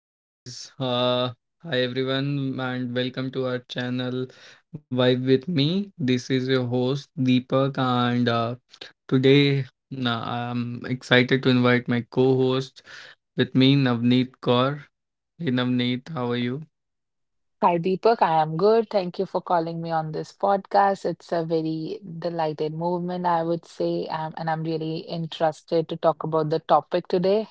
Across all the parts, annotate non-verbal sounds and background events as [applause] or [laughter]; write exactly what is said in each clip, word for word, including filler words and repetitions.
Hey guys, uh, hi everyone, and welcome to our channel Vibe with Me. This is your host Deepak, and uh, today na I'm excited to invite my co host with me, Navneet Kaur. Hey Navneet, how are you? Hi, Deepak. I am good. Thank you for calling me on this podcast. It's a very delighted movement, I would say, um, and I'm really interested to talk about the topic today.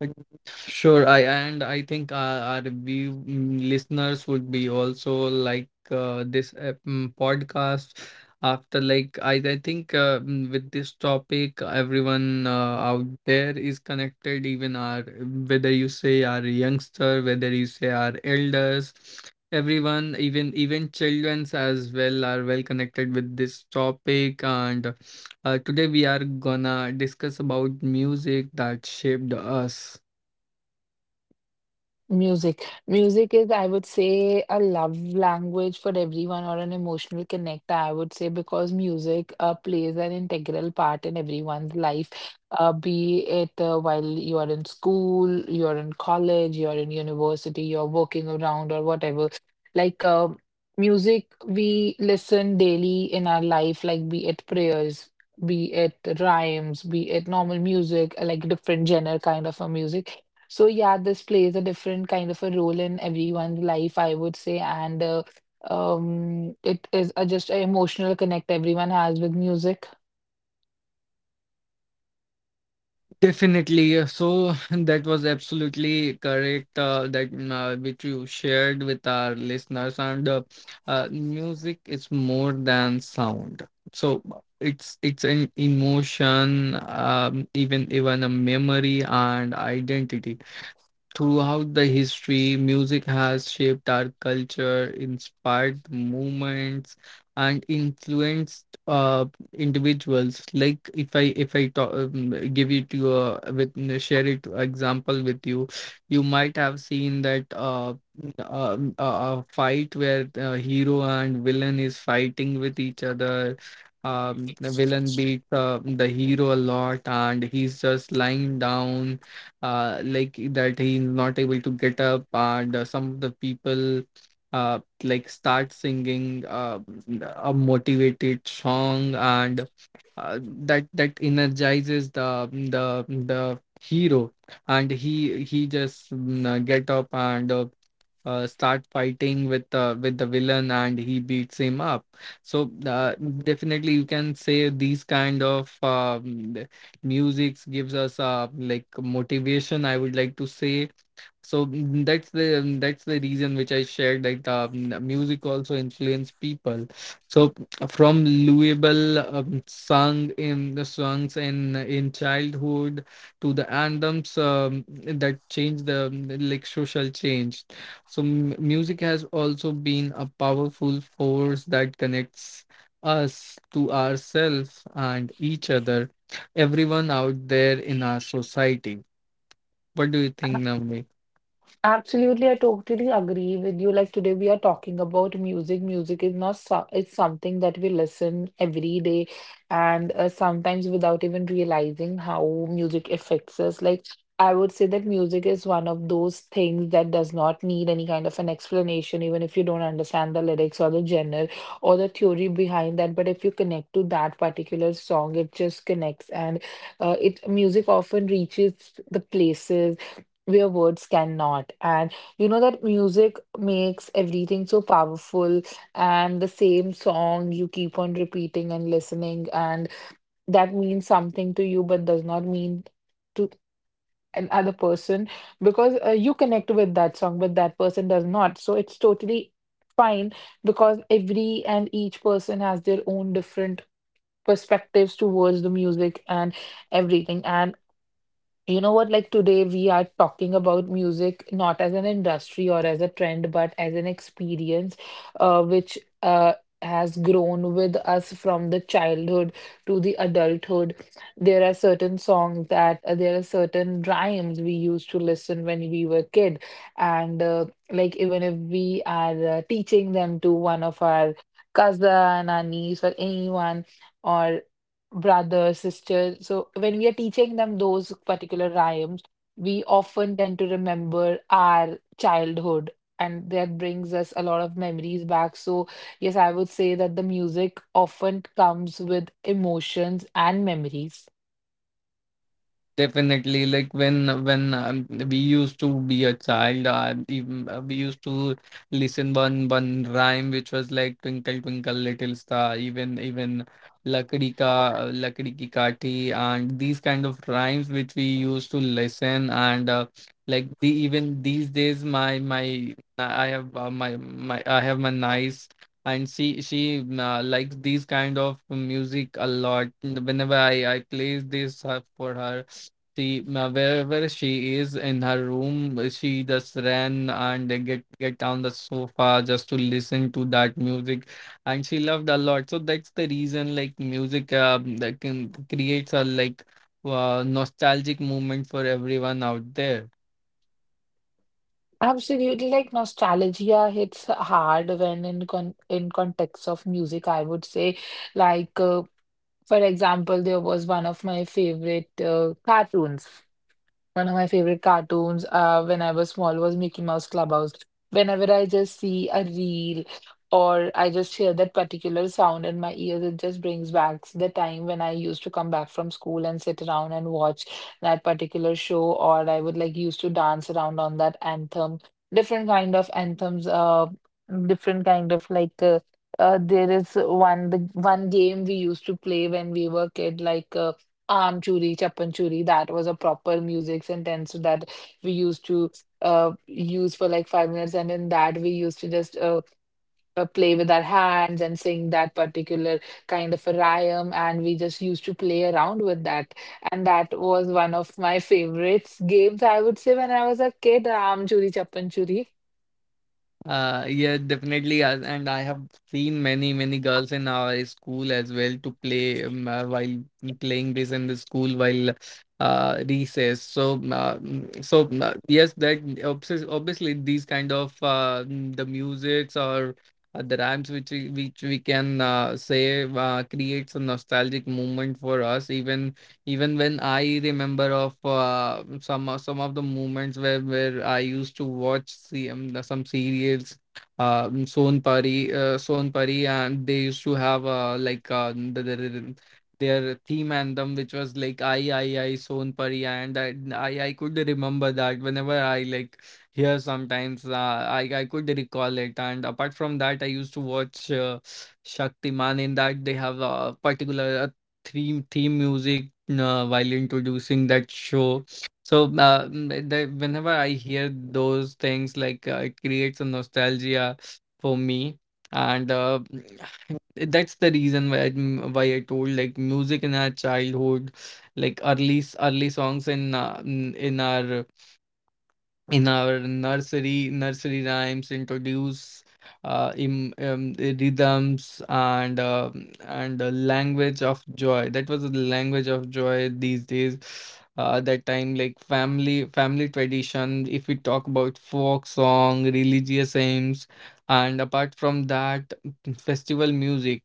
Like, sure, I and I think our, our view mm, listeners would be also like uh, this uh, mm, podcast after like I I think uh, mm, with this topic everyone uh, out there is connected, even our whether you say our youngster, whether you say our elders, everyone, even even childrens as well, are well connected with this topic. And uh, today we are gonna discuss about music that shaped us. Music. Music is, I would say, a love language for everyone or an emotional connector, I would say, because music uh, plays an integral part in everyone's life, uh, be it uh, while you are in school, you're in college, you're in university, you're working around or whatever. Like uh, music, we listen daily in our life, like be it prayers, be it rhymes, be it normal music, like different genre kind of a music. So yeah, this plays a different kind of a role in everyone's life, I would say, and uh, um, it is a, just an emotional connect everyone has with music. Definitely. uh, So [laughs] that was absolutely correct, uh, that mm, uh, which you shared with our listeners. And uh, uh, music is more than sound. So uh, it's it's an emotion, um, even even a memory and identity. Throughout the history, music has shaped our culture, inspired movements, and influenced uh, individuals. Like if I if I talk, um, give it to uh, with share it example with you, you might have seen that uh, uh, uh, fight where uh, hero and villain is fighting with each other. Um, the villain beats uh, the hero a lot, and he's just lying down, uh, like that he's not able to get up. And uh, some of the people uh, like start singing uh, a motivated song, and uh, that that energizes the the the hero, and he he just mm, uh, get up, and uh, uh, start fighting with uh, with the villain, and he beats him up. So uh, definitely you can say these kind of um, musics gives us uh, like motivation, I would like to say. So mm, that's the um, that's the reason which I shared, that um, music also influence people. So from Louisville, um, sung in the songs in in childhood, to the anthems um, that changed the like social change. So m- music has also been a powerful force that connects us to ourselves and each other, everyone out there in our society. What do you think, Navneet? Absolutely, I totally agree with you. Like today, we are talking about music. Music is not so, it's something that we listen every day, and uh, sometimes without even realizing how music affects us. Like I would say that music is one of those things that does not need any kind of an explanation, even if you don't understand the lyrics or the genre or the theory behind that. But if you connect to that particular song, it just connects, and uh, it music often reaches the places where words cannot. And you know that music makes everything so powerful, and the same song you keep on repeating and listening, and that means something to you, but does not mean to another person because uh, you connect with that song, but that person does not. So it's totally fine because every and each person has their own different perspectives towards the music and everything. And you know what? Like today, we are talking about music not as an industry or as a trend, but as an experience, uh, which uh, has grown with us from the childhood to the adulthood. There are certain songs that uh, there are certain rhymes we used to listen when we were kid, and uh, like even if we are uh, teaching them to one of our cousin, our niece, or anyone. Or brother, sister. So when we are teaching them those particular rhymes, we often tend to remember our childhood, and that brings us a lot of memories back. So, yes, I would say that the music often comes with emotions and memories. Definitely, like when when um, we used to be a child, uh, even, uh, we used to listen one one rhyme which was like "Twinkle Twinkle Little Star," even even "Lakdi Ka Lakdi Ki Kathi," and these kind of rhymes which we used to listen. And uh, like the even these days, my my I have uh, my my I have my niece, and she she uh, likes these kind of music a lot. Whenever I I play this uh, for her. She uh, Wherever she is in her room, she just ran and get get on the sofa just to listen to that music, and she loved a lot. So that's the reason, like music, um, that can, creates a like uh, nostalgic moment for everyone out there. Absolutely, like nostalgia hits hard when in con in context of music, I would say, like uh, for example, there was one of my favorite uh, cartoons. One of my favorite cartoons uh, when I was small was Mickey Mouse Clubhouse. Whenever I just see a reel or I just hear that particular sound in my ears, it just brings back the time when I used to come back from school and sit around and watch that particular show, or I would like used to dance around on that anthem. Different kind of anthems, uh, different kind of like uh, uh, there is one the one game we used to play when we were kid, like. Uh, Aam Churi, Chapan Churi, that was a proper music sentence that we used to uh, use for like five minutes. And in that, we used to just uh, uh, play with our hands and sing that particular kind of a rhyme. And we just used to play around with that. And that was one of my favorites games, I would say, when I was a kid, Aam Churi, Chapan Churi. Uh, yeah, definitely. as- And I have seen many, many girls in our school as well to play, um, uh, while playing this in the school while uh, recess. So, uh, mm, so uh, yes, that, obs- obviously these kind of uh, mm, the musics or uh, the rhymes which we, which we can uh, say uh, creates a nostalgic moment for us, even even when I remember of uh, some of- some of the moments where where I used to watch see, um, the- some serials, uh, Son Pari, uh, Son Pari, and they used to have uh, like uh, the, the, the- their theme anthem, which was like I I I Son Pari, and I I, I could remember that whenever I like hear sometimes, uh, I I could recall it, and apart from that, I used to watch. Uh, Shaktiman, in that they have a particular theme theme music uh, while introducing that show. So uh, mm, the, whenever I hear those things, like uh, it creates a nostalgia for me. And uh, [sighs] that's the reason why I, mm, why I told, like music in our childhood, like early s- early songs in uh, mm, in our in our nursery nursery rhymes introduce uh, im, um, rhythms, and uh, and the language of joy. That was the language of joy these days, uh, that time, like family family tradition. If we talk about folk song, religious hymns, and apart from that, festival music,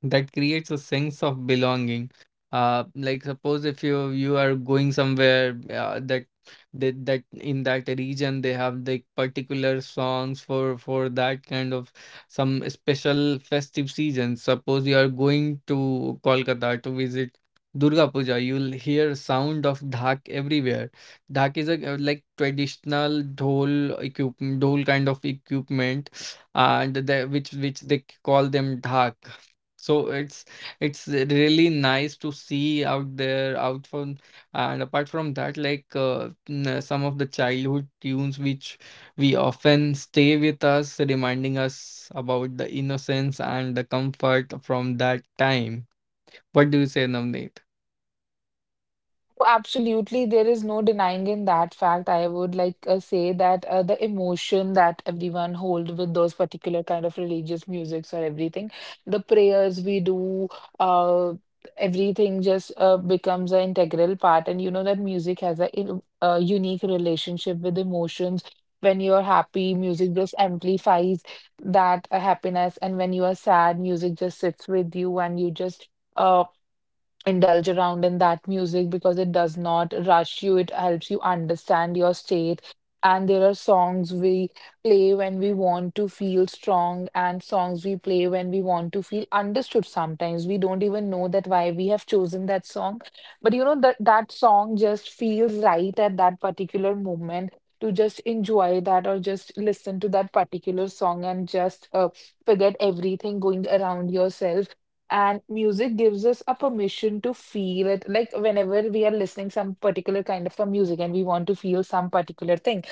that creates a sense of belonging. Uh like, suppose if you you are going somewhere, uh, that that that in that region they have the particular songs for for that kind of some special festive season. Suppose you are going to Kolkata to visit Durga Puja, you'll hear sound of dhak everywhere. Dhak is a uh, like traditional dhol equipment, dhol kind of equipment, and they, which which they call them dhak. So it's it's really nice to see out there out for. And apart from that, like uh, n- some of the childhood tunes which we often stay with us, reminding us about the innocence and the comfort from that time. What do you say, Navneet? Oh, absolutely, there is no denying in that fact. I would like uh, say that uh, the emotion that everyone hold with those particular kind of religious musics or everything, the prayers we do, uh, everything just uh, becomes an integral part. And you know that music has a, in- a unique relationship with emotions. When you are happy, music just amplifies that uh, happiness, and when you are sad, music just sits with you, and you just, uh, indulge around in that music because it does not rush you. It helps you understand your state. And there are songs we play when we want to feel strong, and songs we play when we want to feel understood. Sometimes we don't even know that why we have chosen that song, but you know that that song just feels right at that particular moment to just enjoy that or just listen to that particular song and just uh, forget everything going around yourself, and music gives us a permission to feel it, like whenever we are listening some particular kind of a music and we want to feel some particular thing.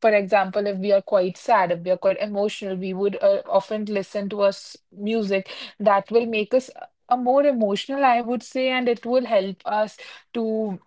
For example, if we are quite sad, if we are quite emotional, we would uh, often listen to us music that will make us a more emotional, I would say, and it will help us to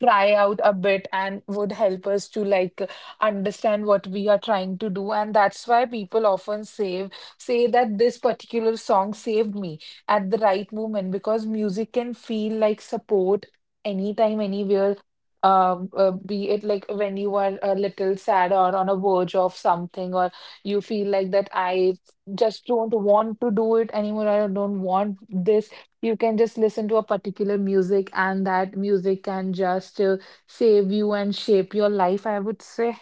cry out a bit and would help us to like understand what we are trying to do. And that's why people often save say that this particular song saved me at the right moment because music can feel like support anytime, anywhere, um uh, be it like when you are a little sad or on a verge of something, or you feel like that I just don't want to do it anymore, I don't want this. You can just listen to a particular music and that music can just uh, save you and shape your life, I would say.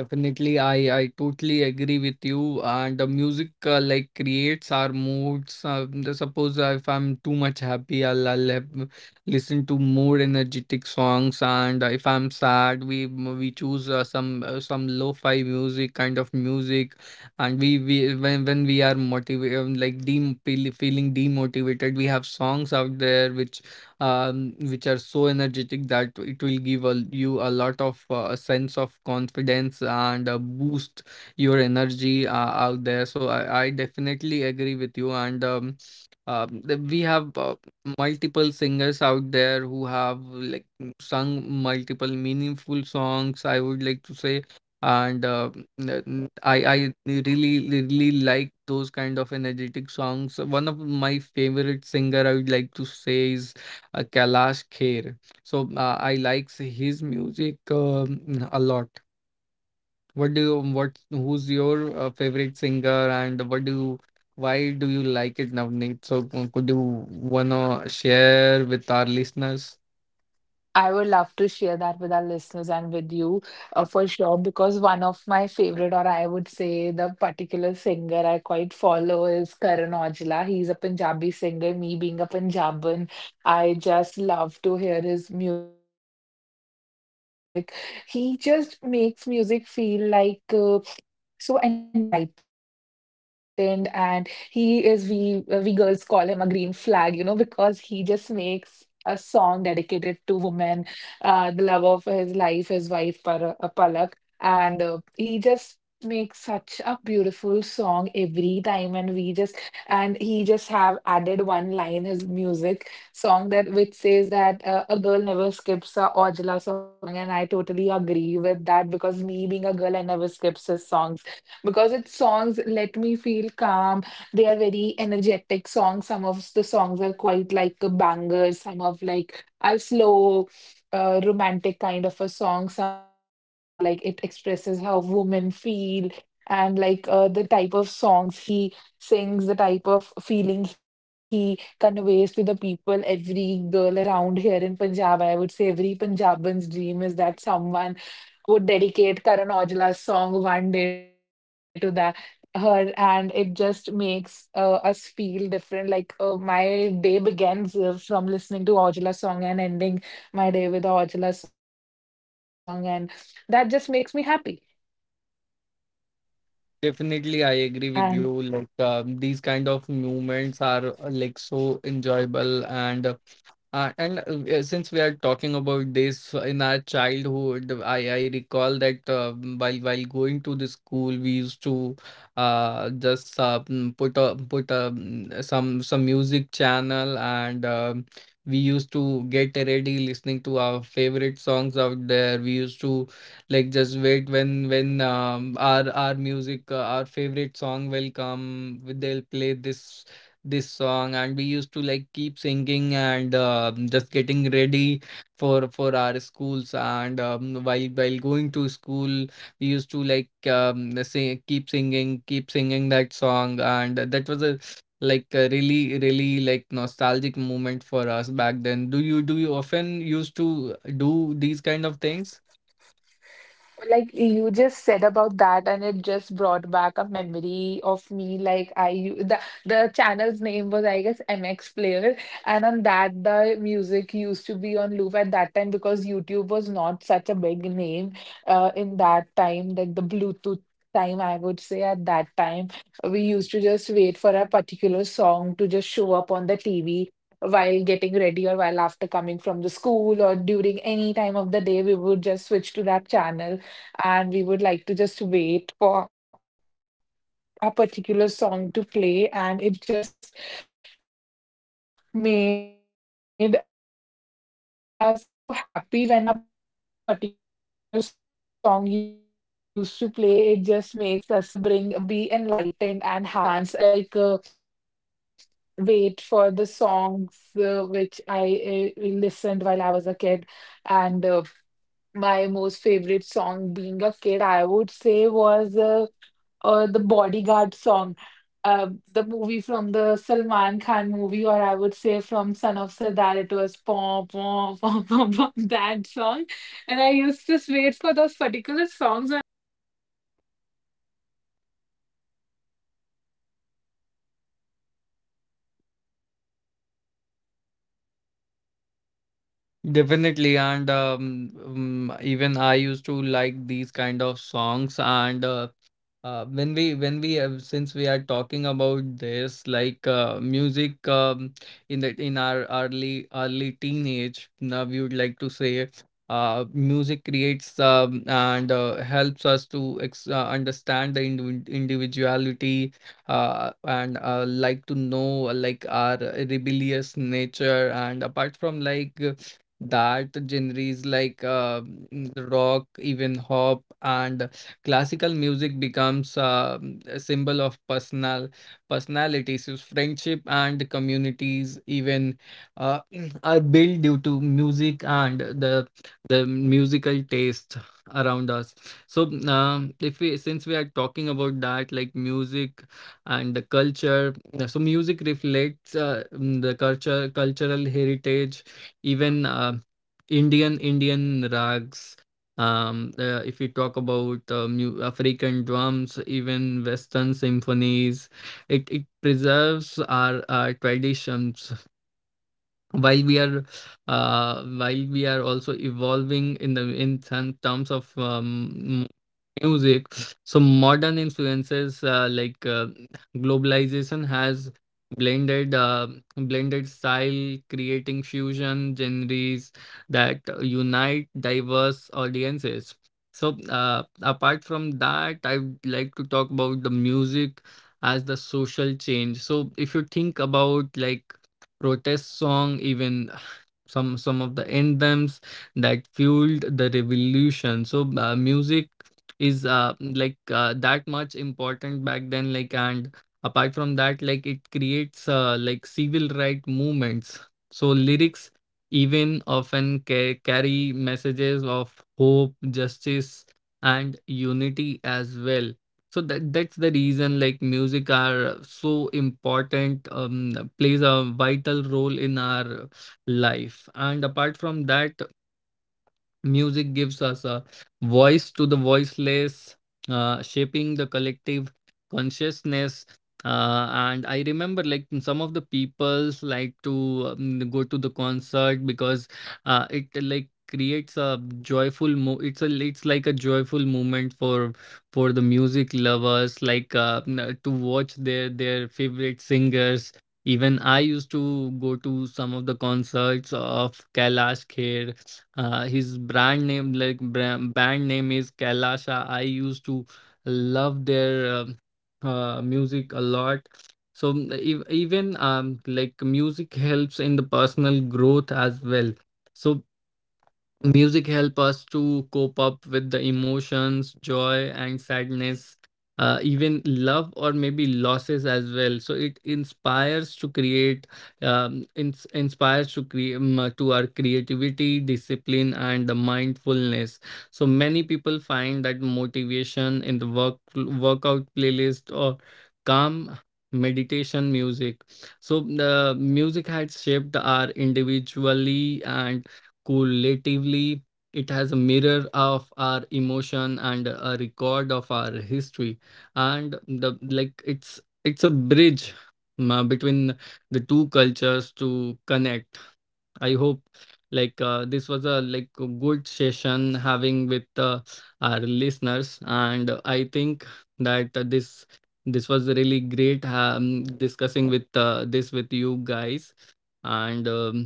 Definitely, I I totally agree with you. And the music, uh, like, creates our moods. Uh, the- suppose uh, if I'm too much happy, I'll I'll have- uh, listen to more energetic songs. And uh, if I'm sad, we m- we choose uh, some uh, some lo-fi music kind of music. And we we when when we are motivated, like, dem feel, feeling demotivated, we have songs out there which um, which are so energetic that it will give a, you a lot of, uh, a sense of confidence and uh, boost your energy uh, out there. So I, I definitely agree with you. And um, um, th- we have uh, multiple singers out there who have like m- sung multiple meaningful songs, I would like to say. And uh, n- n- I, I really, really like those kind of energetic songs. One of my favorite singer, I would like to say, is uh, Kailash Kher. So uh, I likes his music um, a lot. What do you what Who's your uh, favorite singer, and what do you why do you like it, Navneet? So uh, could you wanna share with our listeners? I would love to share that with our listeners and with you uh, for sure because one of my favorite or I would say the particular singer I quite follow is Karan Aujla. He's a Punjabi singer. Me being a Punjaban, I just love to hear his music. He just makes music feel like uh, so enlightened, and he is, we uh, we girls call him a green flag, you know, because he just makes a song dedicated to women, uh the love of his life, his wife, Par- uh, Palak, and uh, he just makes such a beautiful song every time, and we just, and he just have added one line his music song that which says that uh, a girl never skips a Ojala song, and I totally agree with that because me being a girl, I never skips his songs because its songs let me feel calm. They are very energetic songs. Some of the songs are quite like a banger. Some of like are slow. Uh, romantic kind of a song. Some are the one like it expresses how women feel and like uh, the type of songs he sings, the type of feeling he conveys to the people. Every girl around here in Punjab, I would say every Punjaban's dream is that someone would dedicate Karan Aujla's song one day to that her, and it just makes uh, us feel different. Like uh, my day begins uh, from listening to Aujla song and ending my day with the Aujla song, and that just makes me happy. Definitely, I And agree with you. Like, uh, these kind of movements are, uh, like, so enjoyable. And Uh, and uh, uh, since we are talking about this in our childhood, I, I recall that, uh, while while going to the school, we used to uh, just uh, mm, put a, put a, mm, some some music channel, and um we used to get ready listening to our favorite songs out there. We used to like just wait when when um, our our music uh, our favorite song will come. They'll play this this song, and we used to like keep singing, and um just getting ready for for our schools. And um, while while going to school, we used to, like, um say keep singing keep singing that song. And that was a, like, a really really like nostalgic moment for us back then. Do you do you often used to do these kind of things? like you just said about that, and it just brought back a memory of me. Like I, u- the the channel's name was, I guess, M X Player, and on that the music used to be on loop at that time because YouTube was not such a big name, uh, in that time, like the Bluetooth time I would say at that time, we used to just wait for a particular song to just show up on the T V. While getting ready or while after coming from the school or during any time of the day, we would just switch to that channel and we would like to just wait for a particular song to play, and it just made us so happy when a particular song used to play. It just makes us bring be enlightened and happy, and we used to like just dance around with that particular song, and I always used to like uh, wait for the songs uh, which I uh, listened while I was a kid, and uh, my most favorite song being a kid, I would say, was uh, uh, the Bodyguard song, uh, the movie from the Salman Khan movie, or I would say from Son of Sardar. It was [laughs] pom pom pom pom pom that song, and I used to wait for those particular songs when I was a kid [laughs] for to play on M X Player. Right, and these particular things like bring a different kind of a Definitely, and nostalgia um, around um, us, even I and used to uh, like these these just kind of helps us songs. connect with And uh, all of the things. Uh, Like when we uh, when we I have was saying since we are about that, talking and about uh, this, like, um, uh, like now music, I'm just um, remembering in the all in of our that, and the early music early brings a teenage, different now kind we of would like to say, memories. uh, One of the music most creates, fascinating um, memory and about uh, would be helps like us uh, to, ex how uh, music is understand the, closely individ tied to the memory. individuality, A song can uh, take you and back to a uh, like, to specific know, time, uh, place, like, or a our person in rebellious seconds. nature. And and mm, apart from, You know like, what? Uh, when you hear a that, song and you genres like suddenly uh, remember a bus rock, ride, a even classroom, or hop, a late night and conversation classical with music someone, becomes or a uh, a particular symbol phase of of your personal life that you thought you personality. had So forgotten, friendship but that and music communities, brings it even back in uh, [clears throat] are reality. built due to music, and the the The musical music taste brings it back, around us. and then it So, just um, if helps we us since we uh, are talking about overcome our that, like uh, music problems, and the and like culture. it So just music uh, reflects, uh, It mm, plays the, different kind culture of songs cultural and heritage, represents our even. chapters in Uh, childhood, Indian schools. Indian That's why rags, some songs feels um quite uh, if we heavy, talk and on the about other uh, hand, mu- not because African how they drums, sounded, even but Western because of what they symphonies, reminded us it it of. preserves And uh, our, our Music is traditions, just [clears throat] mm, love for while me, we and I are would say that uh uh, while we are also evolving in I the would say in that the some music terms of, just brings back um, every memory music. of that. So And uh, modern me influences, uh, being a like, uh, core music listener, globalization or I'm has being a bathroom blended uh, singer, blended style, I creating just love fusion to, genres that unite I would just diverse love to sing audiences. some So songs, uh, and apart like, from I just that, love I'd being like to talk around about the music, and music I just as love the listening to social different kind change. of So songs if you and think different about, time. like, And protest uh, song, uh, even like listening some to a some of song the on a anthems music or on a that YouTube fueled the channel or revolution. So uh, anything just music helps me is, uh, be like, uh, that motivated for much that. important And back then, uh, like, [clears throat] and apart from Being that, a like, it Punjaban, creates, it uh, like, just helps civil me right connect more. movements. Me So being a [laughs] lyrics Punjaban, I just even love to listen often to ca- Punjabi carry messages music a of lot. hope, And uh, of justice, some of my and favorites in the unity Punjabi as industry well. would be So Diljit that that's the Dosanjh, Gippy reason, like, Garewal. Of music course, Karan are so Aujla is one of them. important, And um plays I a just love vital listening role to in his our songs, and um, life. I, my And friends apart just from that, often comment on my music pictures gives with us one a of his song voice to the lyrics or anything. voiceless, And uh, shaping as the you know collective that, uh, being an consciousness. adult, Uh, getting And I remember, older like, and some older of the day by day, peoples like uh, to, it just um, go to whenever the I used to concert, listen to because a uh, particular it, song that like, I used creates to a listen when I was joyful a mo kid, it's a it's like a so joyful I moment remember for what the for the points were, music what everything lovers, was, like uh, and n- uh, to watch it their just their helps me favorite connect back to singers. everything, Even I and used uh, to go to just some of remember the that like the concerts party of songs, the Kailash shadi Kher. songs, uh, every His brand particular name, genre like has bra- its own band name, song. The is shadi Kailasha. song I just used to helps us uh, love their enhance um uh, the uh, shadi music a lot. season, the uh, So mm, joy ev- that we even feel um, while we like, are dancing music around with helps our in the cousins, personal with our growth as families well. So and all of that. And you music know help that, us uh, to why cope up music with the stays with us. emotions, I joy would and like to say, as sadness, we have uh, even reached the love or end, maybe losses as well. So as we it have reached the end of inspires to this create, podcast, I would like to um, say ins- that the music inspires to is create not to our just an entertainment, creativity, it's just a discipline, and the companion. Music grows mindfulness. with So us, many people it find changes that meanings as motivation in we the work change. A workout song you playlist or didn't understand calm years ago suddenly meditation makes sense music. now, So and the maybe that's music the has music shaped beauty of our music. It waits for individually us, it and doesn't rush us. collectively. Whether It it's has a a mirror thought of our or emotion you and hear a from your record of headphones our or at late history, night or and during the like. celebrations. It's So it's a I would like bridge, to say to my uh, between listeners, like, the thank you two for listening to cultures us. to And the connect. next time you I listen to a hope, song, pause like, for a uh, this moment, was a notice like how a it makes good you feel, session because having sometimes with music uh, just our understands us listeners. better And than I we think understand our that uh, left. this Thank you. Thank you this for was really uh, great, listening to the um, podcast. Signing discussing with, off. Bye uh, this bye. with you guys. And um,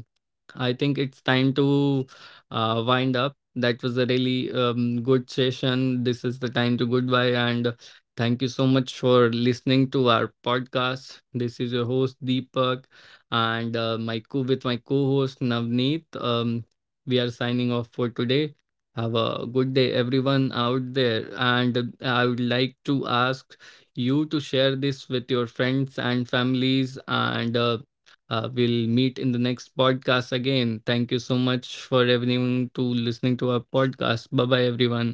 I think it's time to uh, wind up. That was a really, um, good session. This is the time to goodbye. And thank you so much for listening to our podcast. This is your host, Deepak, and uh, my co- with my co host, Navneet. Um, we are signing off for today. Have a good day, everyone out there. And uh, I would like to ask you to share this with your friends and families, and uh, uh, we'll meet in the next podcast again. Thank you so much for everyone to listening to our podcast. Bye bye, everyone.